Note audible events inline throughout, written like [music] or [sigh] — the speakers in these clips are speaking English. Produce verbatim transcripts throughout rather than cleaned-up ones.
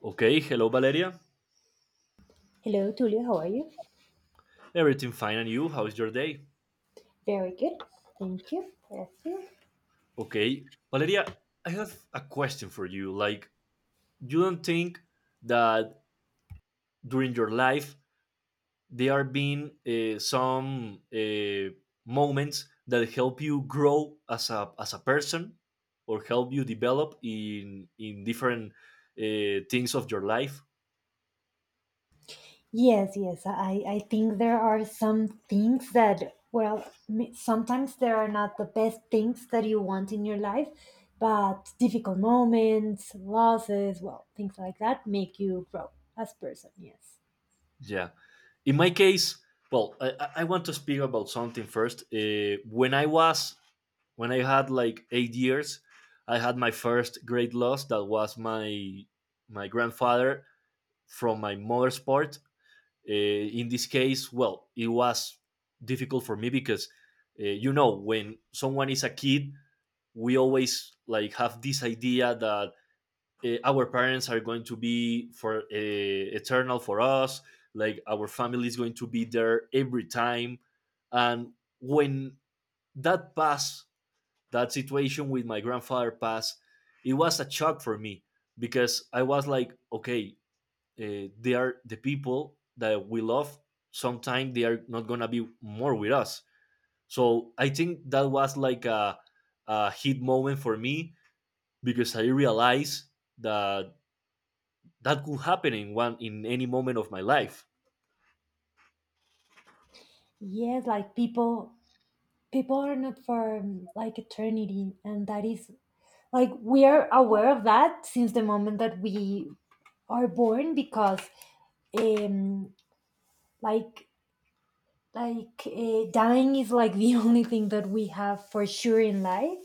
Okay, hello Valeria. Hello, Tulio. How are you? Everything fine and you? How's your day? Very good. Thank you. That's it. Okay, Valeria, I have a question for you. Like, you don't think that during your life there have been uh, some uh, moments that help you grow as a as a person or help you develop in in different uh, things of your life? Yes, yes. I, I think there are some things that, well, m- sometimes there are not the best things that you want in your life, but difficult moments, losses, well, things like that make you grow as person. Yes. Yeah. In my case, well, I, I I want to speak about something first. Uh, when I was When I had like eight years, I had my first great loss. That was my my grandfather from my mother's part. Uh, in this case, well, it was difficult for me because uh, you know when someone is a kid, we always like have this idea that uh, our parents are going to be for uh, eternal for us. Like our family is going to be there every time, and when that pass that situation with my grandfather passed, it was a shock for me because I was like, okay, uh, they are the people that we love. Sometime they are not gonna be more with us. So I think that was like a, a hit moment for me because I realized that that could happen in one in any moment of my life. Yes, like people people are not for um, like eternity, and that is like we are aware of that since the moment that we are born because um, like like uh, dying is like the [laughs] only thing that we have for sure in life,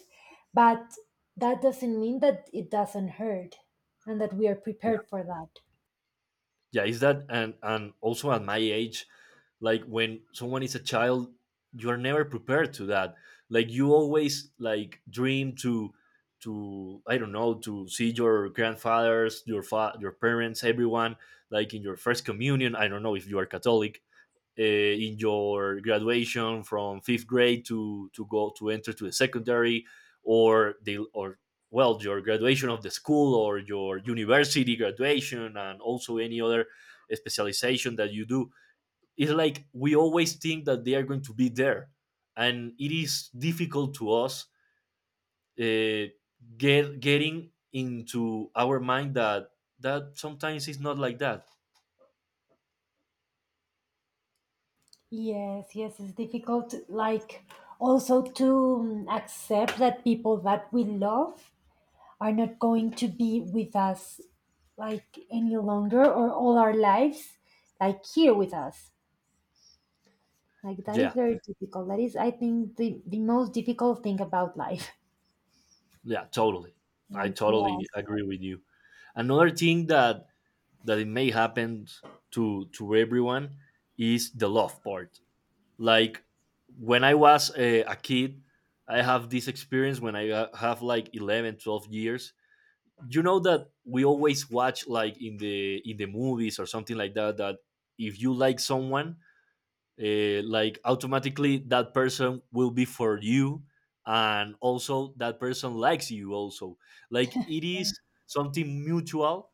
but that doesn't mean that it doesn't hurt and that we are prepared for that. Yeah, it's that, and and also at my age, like when someone is a child, you're never prepared to that. Like you always like dream to to I don't know, to see your grandfathers, your fa- your parents, everyone, like in your first communion. I don't know if you are catholic. Uh, in your graduation from fifth grade to to go to enter to the secondary, or the or well, your graduation of the school, or your university graduation, and also any other specialization that you do. It's like we always think that they are going to be there, and it is difficult to us, uh, get getting into our mind that that sometimes it's not like that. Yes, yes, it's difficult. Like also to um, accept that people that we love are not going to be with us, like any longer or all our lives, like here with us. Like that is Yeah, very difficult. That is, I think, the, the most difficult thing about life, yeah, totally. I like totally laws. agree with you. Another thing that that it may happen to to everyone is the love part. Like when I was a, a kid, I have this experience when I ha- have like eleven, twelve years. You know that we always watch like in the in the movies or something like that, that if you like someone, uh, like automatically that person will be for you, and also that person likes you also. Like it is something mutual,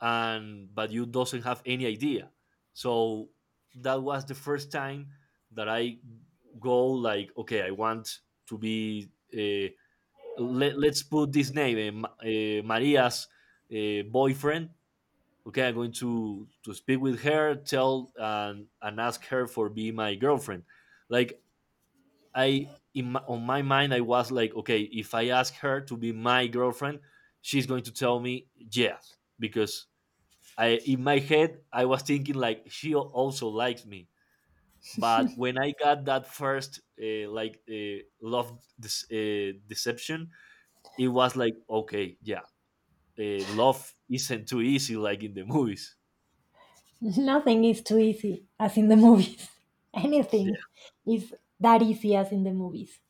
and but you doesn't have any idea. So that was the first time that I go like, okay, I want to be uh, let, let's put this name, uh, uh, Maria's uh, boyfriend. Okay, I'm going to to speak with her, tell and and ask her for be my girlfriend. Like, I in my, on my mind I was like, okay, if I ask her to be my girlfriend, she's going to tell me yes, because I in my head I was thinking like she al- also likes me. But when I got that first uh, like uh, love dis- uh, deception, it was like, okay, yeah, uh, love isn't too easy like in the movies. [laughs] Nothing is too easy as in the movies. [laughs] Yeah, Anything is that easy as in the movies.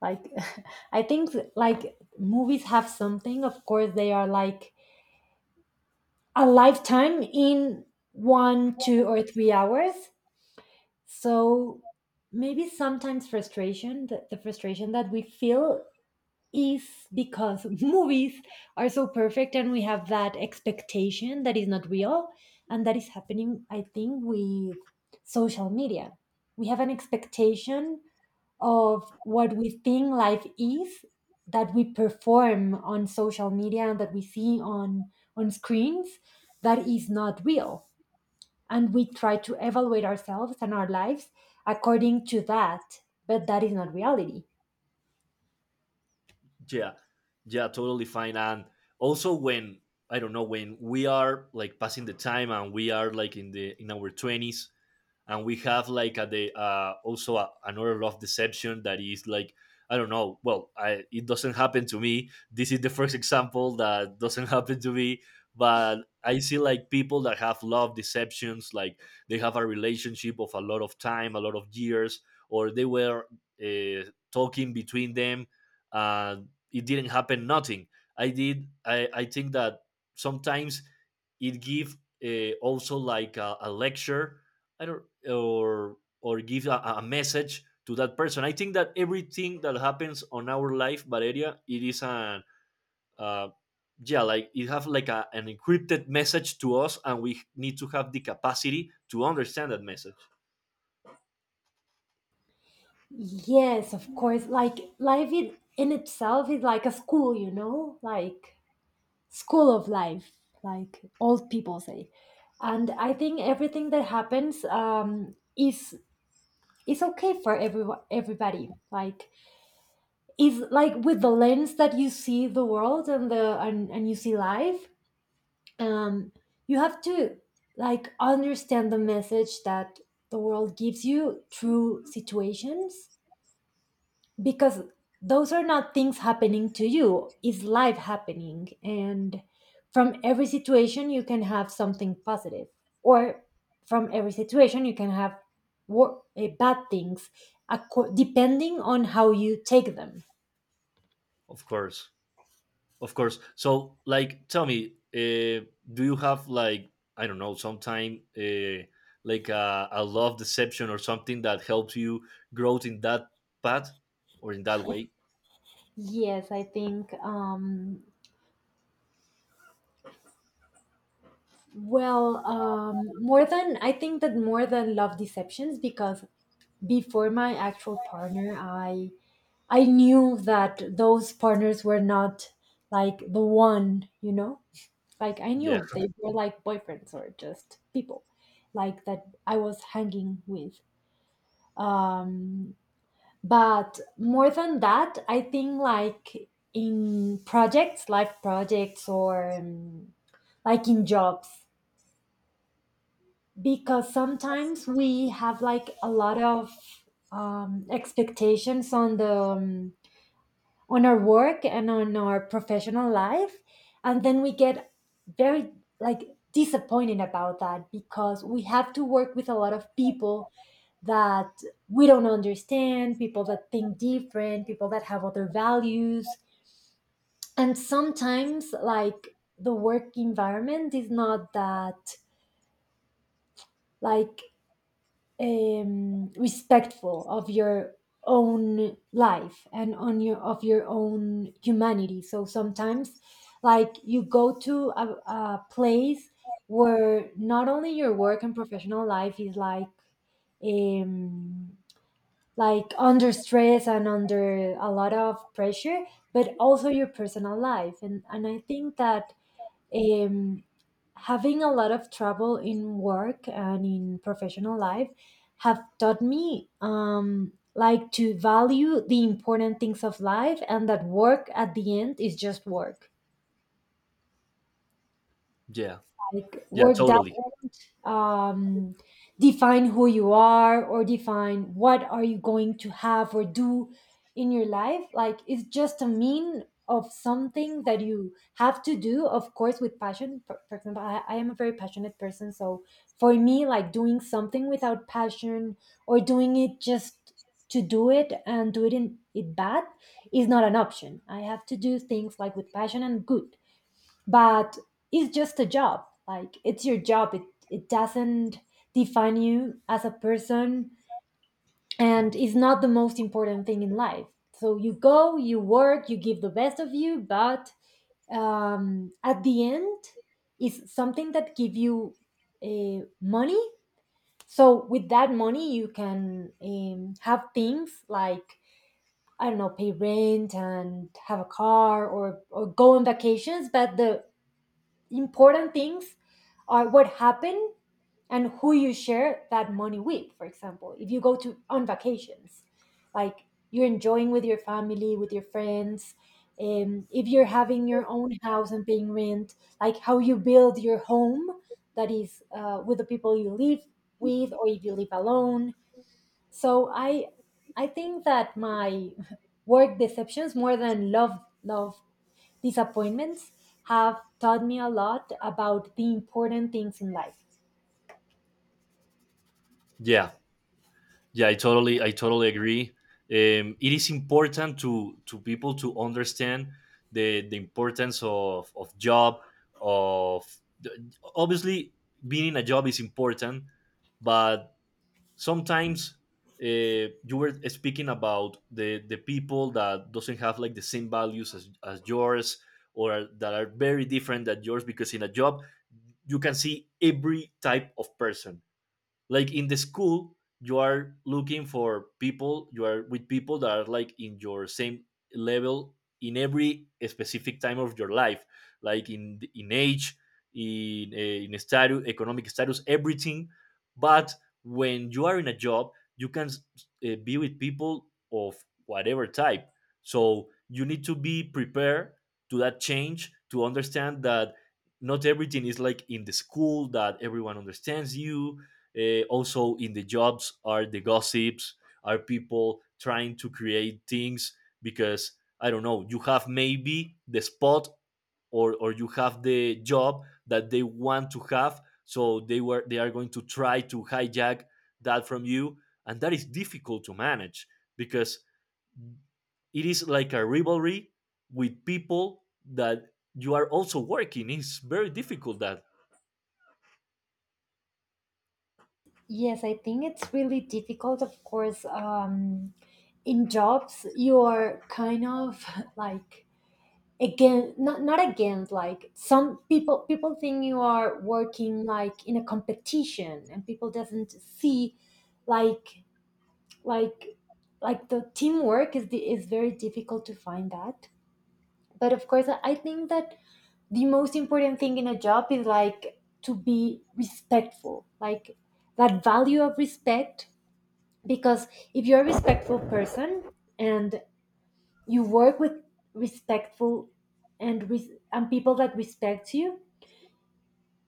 Like [laughs] I think like movies have something. Of course, they are like a lifetime in one, two, or three hours. So maybe sometimes frustration, the, the frustration that we feel is because movies are so perfect, and we have that expectation that is not real. And that is happening, I think, with social media. We have an expectation of what we think life is, that we perform on social media and that we see on on screens, that is not real, and we try to evaluate ourselves and our lives according to that, but that is not reality. [laughs] yeah, yeah, totally fine. And also when, I don't know, when we are like passing the time and we are like in the in our twenties, and we have like a the uh, also a, another love deception that is like, I don't know. Well, I, it doesn't happen to me. This is the first example that doesn't [laughs] happen to me. But I see like people that have love deceptions, like they have a relationship of a lot of time, a lot of years, or they were uh, talking between them. Uh, it didn't happen. Nothing. I did. I, I think that sometimes it give uh, also like a, a lecture. I don't, or or give a, a message to that person. I think that everything that happens on our life, Valeria, it is an uh, yeah, like it have like a, an encrypted message to us, and we need to have the capacity to understand that message. Yes, of course. Like life in, in itself is like a school, you know, like school of life, like old people say. And I think everything that happens um, is is okay for everyone, everybody. Like is like with the lens that you see the world and the and, and you see life. Um, you have to like understand the message that the world gives you through situations, because those are not things happening to you, is life happening. And from every situation you can have something positive, or from every situation you can have wor- eh, bad things, acco- depending on how you take them. Of course, of course. So, like, tell me, uh, do you have like, I don't know, sometime uh, like a, a love deception or something that helps you grow in that path or in that way? Yes, I think, um, well, um, more than, I think that more than love deceptions, because before my actual partner, I I knew that those partners were not like the one, you know? Like I Yeah, knew they were like boyfriends or just people like that I was hanging with. Um but more than that, I think like in projects, life projects, or um, like in jobs, because sometimes we have like a lot of um expectations on the um, on our work and on our professional life, and then we get very like disappointed about that, because we have to work with a lot of people that we don't understand, people that think different, people that have other values. And sometimes like the work environment is not that like um, respectful of your own life and on your of your own humanity. So sometimes like you go to a, a place where not only your work and professional life is like um like under stress and under a lot of pressure, but also your personal life. And and i think that um, having a lot of trouble in work and in professional life have taught me um, like to value the important things of life, and that work at the end is just work. yeah. Like Yeah, work does totally. um, define who you are or define what are you going to have or do in your life. Like it's just a mean of something that you have to do, of course with passion. for, for example, I, I am a very passionate person, so for me like doing something without passion or doing it just to do it and do it in it bad is not an option. I have to do things like with passion and good. But it's just a job. Like it's your job. It, it doesn't define you as a person, and it's not the most important thing in life. So you go, you work, you give the best of you, but um, at the end, it's something that give you uh, money. So with that money you can um, have things like, I don't know, pay rent and have a car, or, or go on vacations. But the important things are what happened and who you share that money with. For example, if you go to on vacations, like you're enjoying with your family, with your friends. Um, if you're having your own house and paying rent, like how you build your home, that is uh, with the people you live with, or if you live alone. So i i think that my [laughs] work deceptions more than love love these appointments have taught me a lot about the important things in life. Yeah, yeah, I totally, I totally agree. Um, it is important to to people to understand the the importance of of job of the- obviously being in a job is important, but sometimes, uh, you were speaking about the the people that doesn't have like the same values as, as yours, or that are very different than yours, because in a job you can see every type of person. Like in the school you are looking for people, you are with people that are like in your same level, in every specific time of your life, like in in age, in eh, in status, economic status, everything. But when you are in a job, you can uh, be with people of whatever type, so you need to be prepared to that change, to understand that not everything is like in the school, that everyone understands you. Uh, also, in the jobs are the gossips, are people trying to create things because, I don't know, you have maybe the spot, or or you have the job that they want to have, so they were they are going to try to hijack that from you, and that is difficult to manage because it is like a rivalry with people that you are also working. It's very difficult that. Yes, I think it's really difficult, of course. Um, in jobs, you are kind of [laughs] like again, not not against like some people people think you are working like in a competition, and people doesn't see like like like the teamwork is the, is very difficult to find that. But of course i I think that the most important thing in a job is like to be respectful, like that value of respect. Because if you're a respectful person, and you work with respectful and res- and people that respect you,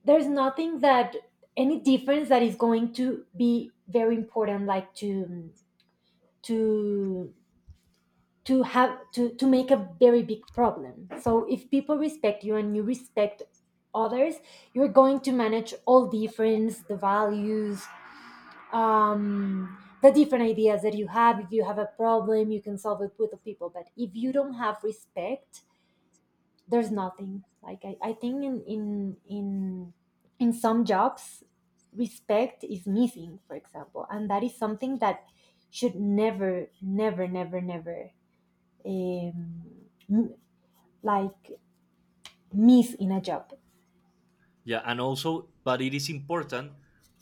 there's nothing that any difference that is going to be very important, like to to to have to, to make a very big problem. So if people respect you and you respect others, you're going to manage all difference, the values, um, the different ideas that you have. If you have a problem, you can solve it with the people. But if you don't have respect, there's nothing. Like i, I think in, in in in some jobs respect is missing, for example, and that is something that should never never never never um, m- like miss in a job. Yeah, and also, but it is important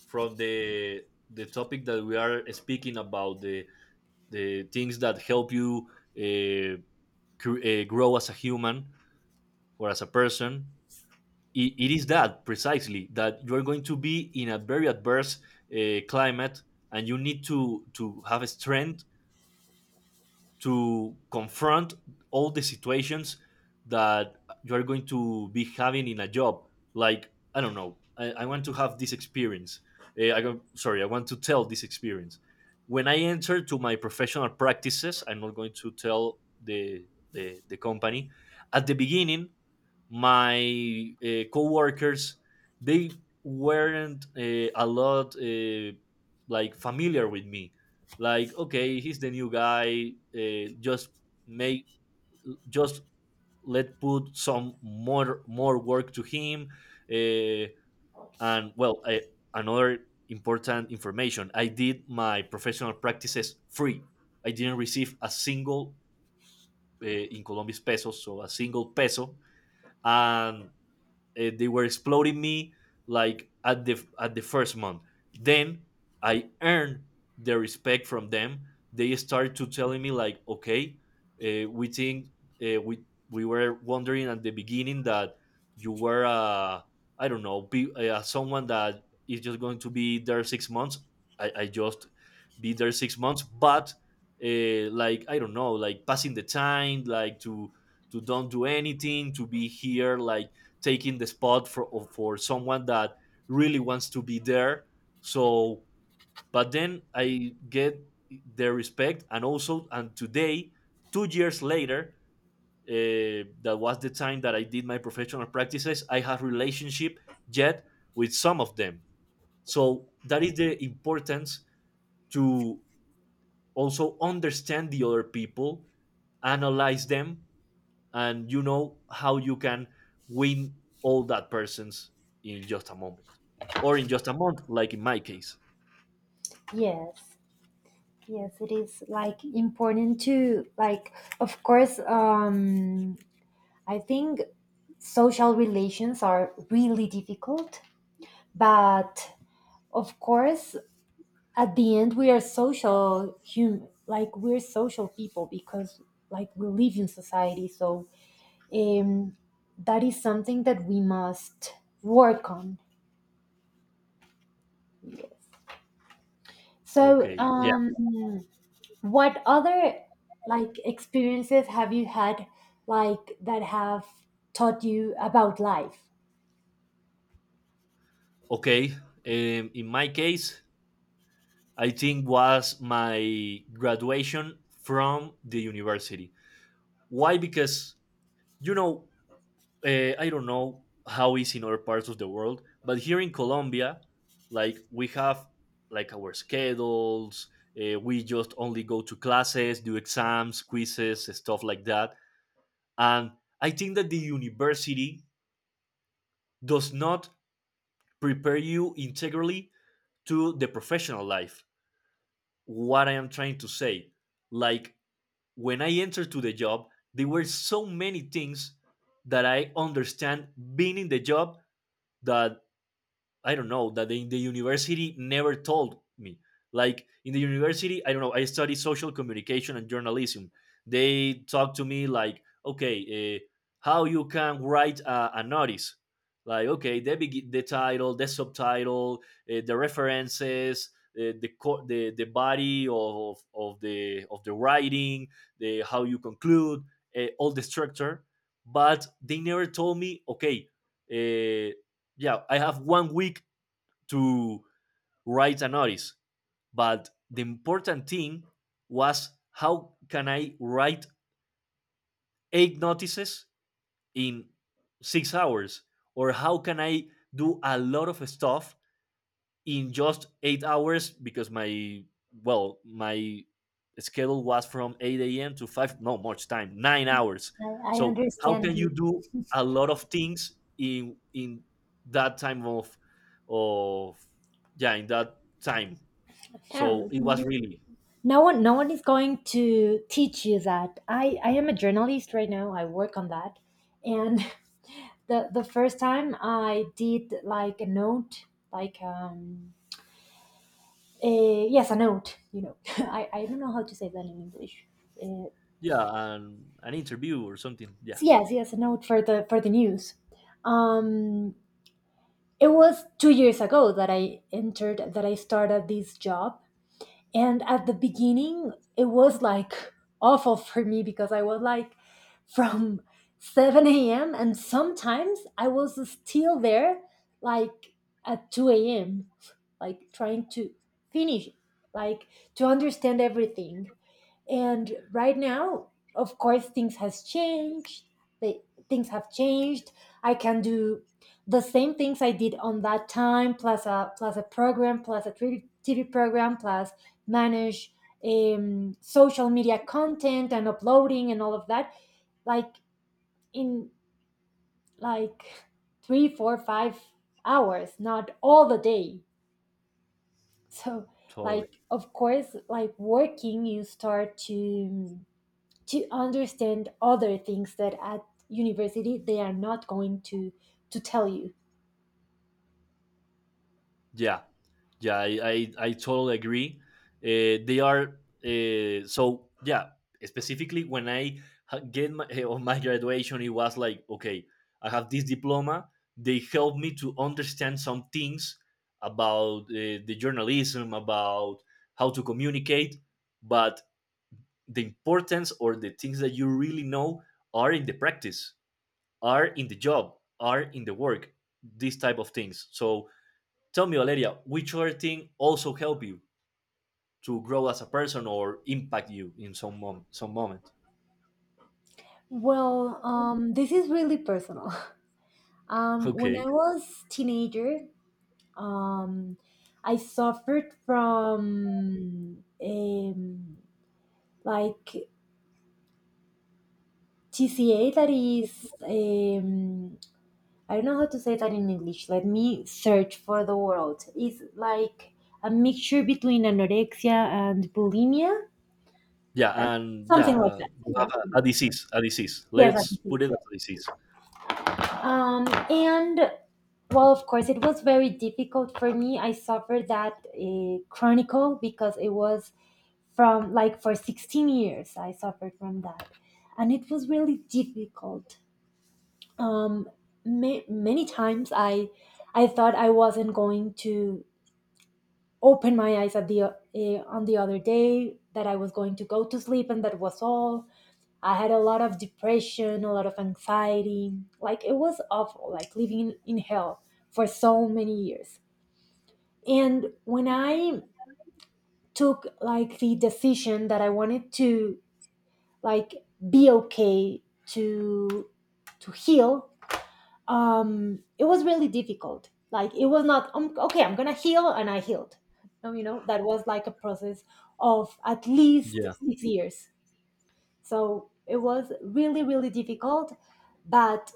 from the the topic that we are speaking about, the the things that help you uh, cr- uh, grow as a human or as a person. It, it is that, precisely, that you are going to be in a very adverse uh, climate, and you need to to have strength to confront all the situations that you are going to be having in a job. Like, I don't know, I, I want to have this experience. Eh, I go, sorry, I want to tell this experience. When I enter to my professional practices, I'm not going to tell the, the, the company. At the beginning, my uh, coworkers, they weren't uh, a lot uh, like familiar with me. Like, okay, he's the new guy, uh, just make, just let put some more more work to him. Uh, and well, I, another important information: I did my professional practices free. I didn't receive a single, uh, in Colombian pesos, so a single peso, and uh, they were exploiting me like at the at the first month. Then I earned the respect from them. They started to telling me like, okay, uh, we think, uh, we we were wondering at the beginning that you were, uh, I don't know, be, uh, someone that is just going to be there six months. i, I just be there six months, but uh, like, I don't know, like passing the time, like to to don't do anything, to be here like taking the spot for for someone that really wants to be there. So, but then I get their respect, and also, and today, two years later, uh, that was the time that I did my professional practices. I have relationship yet with some of them. So that is the importance to also understand the other people, analyze them, and you know how you can win all that persons in just a moment, or in just a month, like in my case. Yes, yes, it is like important to like. Of course, um, I think social relations are really difficult, but of course, at the end, we are social human. Like we're social people, because like we live in society. So um, that is something that we must work on. Yes. So, Okay, yeah, um, what other like experiences have you had, like that have taught you about life? okay. Um, in my case, I think was my graduation from the university. Why? Because, you know, uh, I don't know how is in other parts of the world, but here in Colombia, like we have like our schedules. Uh, we just only go to classes, do exams, quizzes, stuff like that. And I think that the university does not prepare you integrally to the professional life. What I am trying to say, like, when I entered to the job, there were so many things that I understand being in the job that, I don't know, that in the university never told me. Like in the university, I don't know, I studied social communication and journalism. They talk to me like, okay, uh, how you can write a, a notice, like, okay, the begi- the title, the subtitle, uh, the references, uh, the co- the the body of, of the of the writing, the how you conclude, uh, all the structure. But they never told me, okay, uh, yeah, I have one week to write a notice. But the important thing was, how can I write eight notices in six hours? Or how can I do a lot of stuff in just eight hours? Because my, well my schedule was from eight a.m to five, no much time, nine hours. I, I So how understand can you you. do a lot of things in in that time of of yeah, in that time. Yeah, So it was really, no one no one is going to teach you that. I i am a journalist right now. I work on that. And [laughs] the the first time I did like a note, like um a, yes, a note, you know [laughs] i i don't know how to say that in english. uh, yeah, an an interview or something. Yeah, yes, yes, a note for the for the news. um it was two years ago that I entered, that I started this job. And at the beginning, it was like awful for me, because I was like from seven a m and sometimes I was still there like at two a m, like trying to finish, like to understand everything. And right now, of course, things has changed. they, Things have changed. I can do the same things I did on that time plus a plus a program plus a tv program plus manage um, social media content and uploading and all of that, like in like three four five hours, not all the day. So totally. like of course like working you start to to understand other things that at university they are not going to to tell you. Yeah, yeah, I I, I totally agree. Uh, they are uh, so yeah. Specifically, when I ha- get my, [laughs] eh, on my graduation, it was like, okay, I have this diploma. They helped me to understand some things about uh, the journalism, about how to communicate, but the importance or the things that you really know are in the practice, are in the job, are in the work, these type of things. So tell me, Valeria, which other thing also help you to grow as a person or impact you in some mom- some moment? [laughs] Well, um, this is really personal. [laughs] Um, when Okay. I was teenager, um, I suffered from um, like tca, that is, um, I don't know how to say that in english. Let me search for the word. It's like a mixture between anorexia and bulimia, Yeah, but and yeah, something like uh, that. you have Yeah. a, a disease, a disease. Yes, I can Let's see put it this as here. a disease. Um, and well, of course, it was very difficult for me. I suffered that uh, chronicle, because it was from like for sixteen years, I suffered from that. And it was really difficult. Um, ma- Many times I, I thought I wasn't going to open my eyes at the, uh, on the other day, that I was going to go to sleep and that was all. I had a lot of depression, a lot of anxiety. Like it was awful, like living in hell for so many years. And when I took like the decision that I wanted to like be okay to to heal, um, it was really difficult. Like it was not um, okay. I'm gonna heal, and I healed. No, you know that was like a process of at least Yeah, six years. So it was really, really difficult. But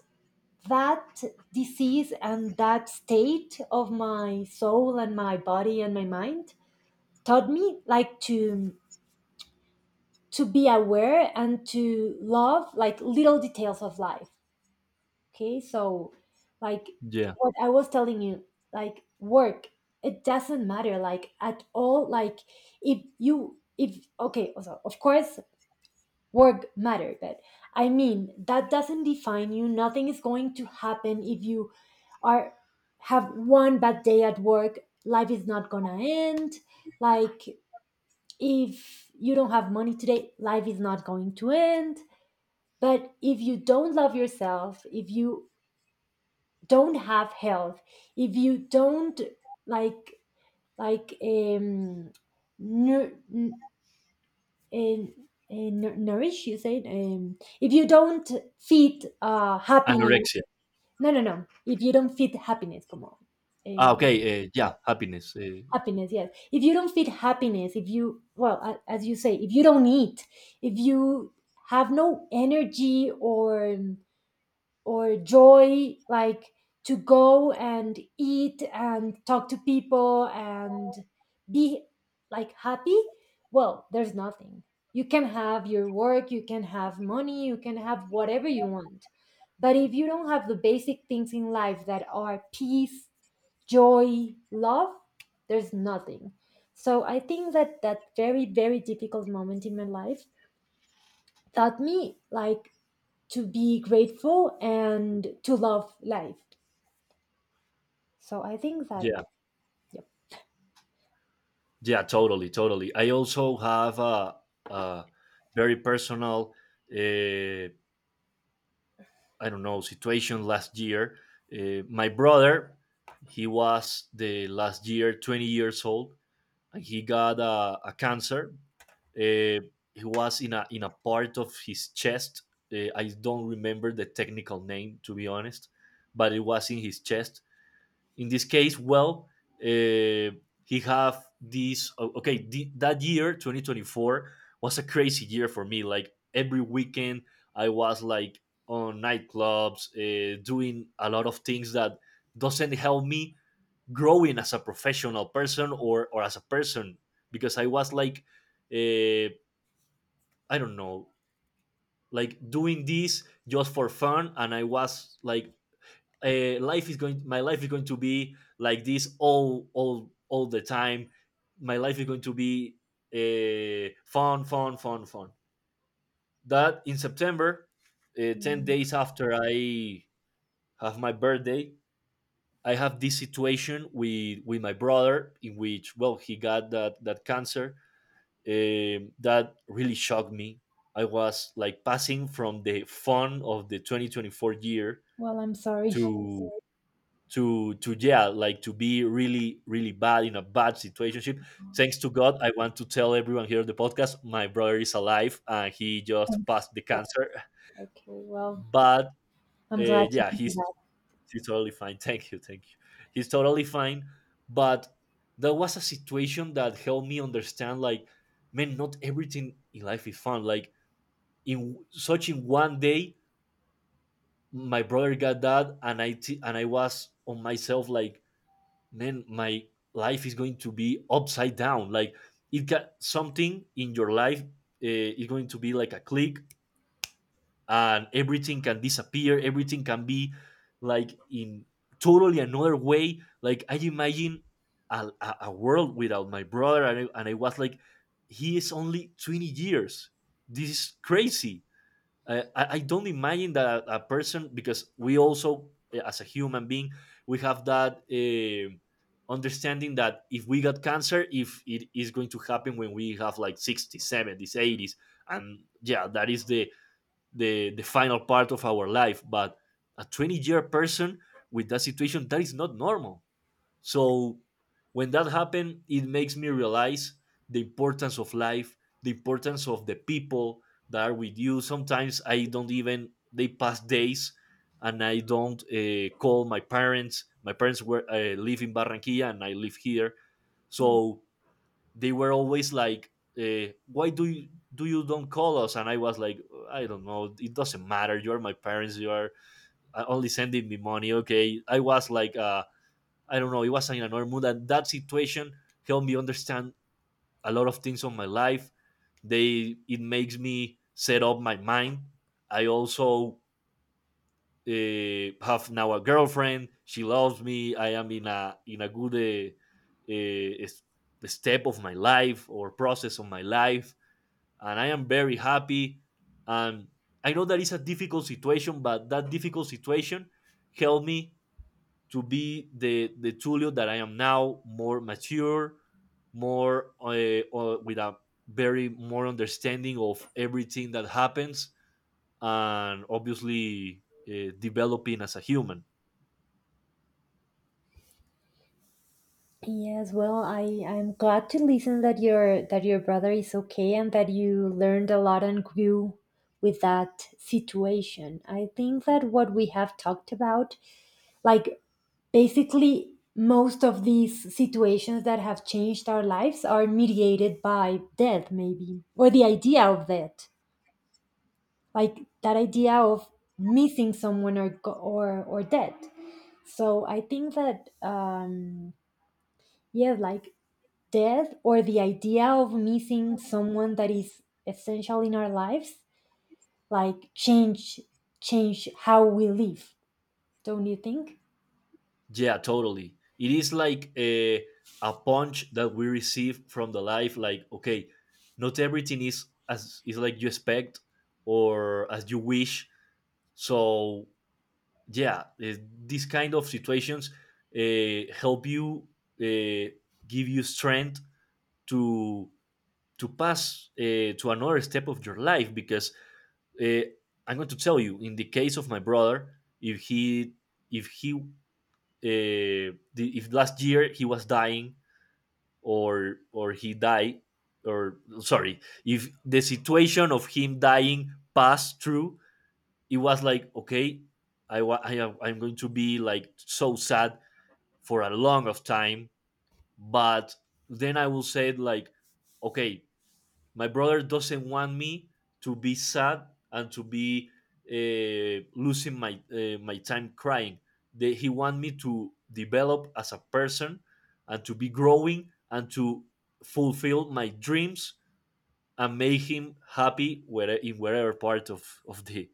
that disease and that state of my soul and my body and my mind taught me like to to be aware and to love like little details of life. Okay, so like yeah. what I was telling you, like work, it doesn't matter like at all. Like if you if okay also of course work matter, but I mean that doesn't define you. Nothing is going to happen if you are have one bad day at work. Life is not gonna end. Like if you don't have money today, life is not going to end. But if you don't love yourself, if you don't have health, if you don't like like um nu- and, and nour- nourish, you said, um, if you don't feed uh, happiness. Anorexia. No, no, no, if you don't feed happiness, come on. Ah, um, okay. Uh, yeah, yeah, happiness. Uh, happiness, yes, if you don't feed happiness, if you, well, a- as you say, if you don't eat, if you have no energy, or um, or joy, like to go and eat and talk to people and be like happy, well, there's nothing. You can have your work, you can have money, you can have whatever you want, but if you don't have the basic things in life, that are peace, joy, love, there's nothing. So I think that, that very very difficult moment in my life taught me like to be grateful and to love life. So I think yeah, that, yep. yeah, totally, totally. I also have a, a very personal uh, I don't know situation last year. Uh, my brother, he was the last year twenty years old, and he got a, a cancer. Uh, he was in a in a part of his chest. Uh, I don't remember the technical name to be honest, but it was in his chest, in this case, well, uh, he have this. Oh, okay, the, that year, twenty twenty-four, was a crazy year for me. Like every weekend, I was like on nightclubs, uh, doing a lot of things that doesn't help me growing as a professional person or or as a person because I was like, uh, I don't know, like doing this just for fun, and I was like uh, life is going my life is going to be like this all all all the time. My life is going to be uh, fun fun fun fun That in september, uh, ten Mm. days after I have my birthday, I have this situation with with my brother, in which, well, he got that that cancer. um, that really shocked me. I was like passing from the fun of the twenty twenty-four year Well, I'm sorry. [laughs] to to to yeah, like to be really really bad in a bad situationship. Thanks to god, I want to tell everyone here on the podcast, my brother is alive and he just Thanks. passed the But- cancer. Okay, well, But I'm uh, glad to yeah, hear he's that. he's totally fine. [laughs] Thank you, thank you. He's totally fine. But that was a situation that helped me understand, like, man, not everything in life is fun. Like, in such in one day my brother got that, and i t- and I was on myself like, man, my life is going to be upside down. Like, it got something in your life, uh, is going to be like a click, and everything can disappear. Everything can be like in totally another way. Like I imagine a, a, a world without my brother, and I, and I was like, he is only twenty years. This is crazy. I, I I don't imagine that a person, because we also eh, as a human being we have that eh, understanding that if we got cancer, if it is going to happen when we have like sixties, seventies, eighties, and yeah, that is the the the final part of our life. But a twenty year person with that situation, that is not normal. So when that happened, it makes me realize the importance of life, the importance of the people that are with you. Sometimes I don't even, they pass days, and I don't uh, call my parents. My parents were uh, live in Barranquilla, and I live here, Yes. so they were always like, uh, why do you, do you don't call us? And I was like, I don't know, it doesn't matter, you are my parents, you are uh, only sending me money, okay? I was like, uh I don't know, it was in another mood. And that situation helped me understand a lot of things on my life. They, it makes me set up my mind. I also uh, have now a girlfriend. She loves me. I am in a in a good uh, uh, step of my life or process of my life, and I am very happy. And I know that it's a difficult situation, but that difficult situation helped me to be the the Tulio that I am now, more mature, more uh, uh, with a very more understanding of everything that happens, and obviously uh, developing as a human. Yes, well, I I'm glad to listen that your that your brother is okay and that you learned a lot and grew with that situation. I think that what we have talked about, like basically most of these situations that have changed our lives are mediated by death maybe, or the idea of death, like that idea of missing someone, or go- or or death. So I think that um yeah, like death or the idea of missing someone that is essential in our lives, like change change how we live, don't you think? Yeah, totally. It is like a a punch that we receive from the life. Like, okay, not everything is as is like you expect or as you wish. So yeah, eh, these kind of situations uh, help you, uh, give you strength to to pass, uh, to another step of your life. Because uh, I'm going to tell you, in the case of my brother, if he if he, uh, the, if last year he was dying or or he died, or sorry, if the situation of him dying passed through, it was like, okay, I, wa- I am, I'm going to be like so sad for a long of time. But then I will say like, okay, my brother doesn't want me to be sad, and to be uh, losing my uh, my time crying. They, he want me to develop as a person, and to be growing, and to fulfill my dreams, and make him happy where, in wherever part of, of the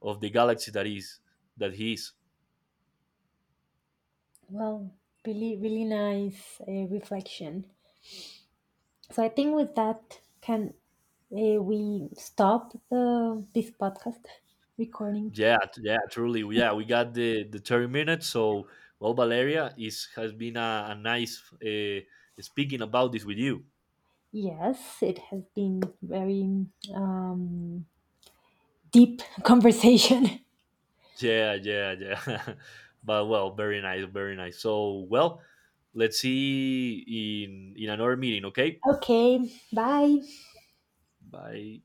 of the galaxy that is, that he is. Well, really really nice uh, reflection. So I think with that, can uh, we stop the this podcast recording? Yeah, t- yeah, truly. Yeah, we got the the thirty minutes. So, well, Valeria, is has been a, a nice uh, speaking about this with you. Yes, it has been very um, deep [laughs] conversation. Yeah, yeah, yeah. [laughs] But well, very nice, very nice. So, well, let's see in in another meeting. Okay, Okay, bye. bye.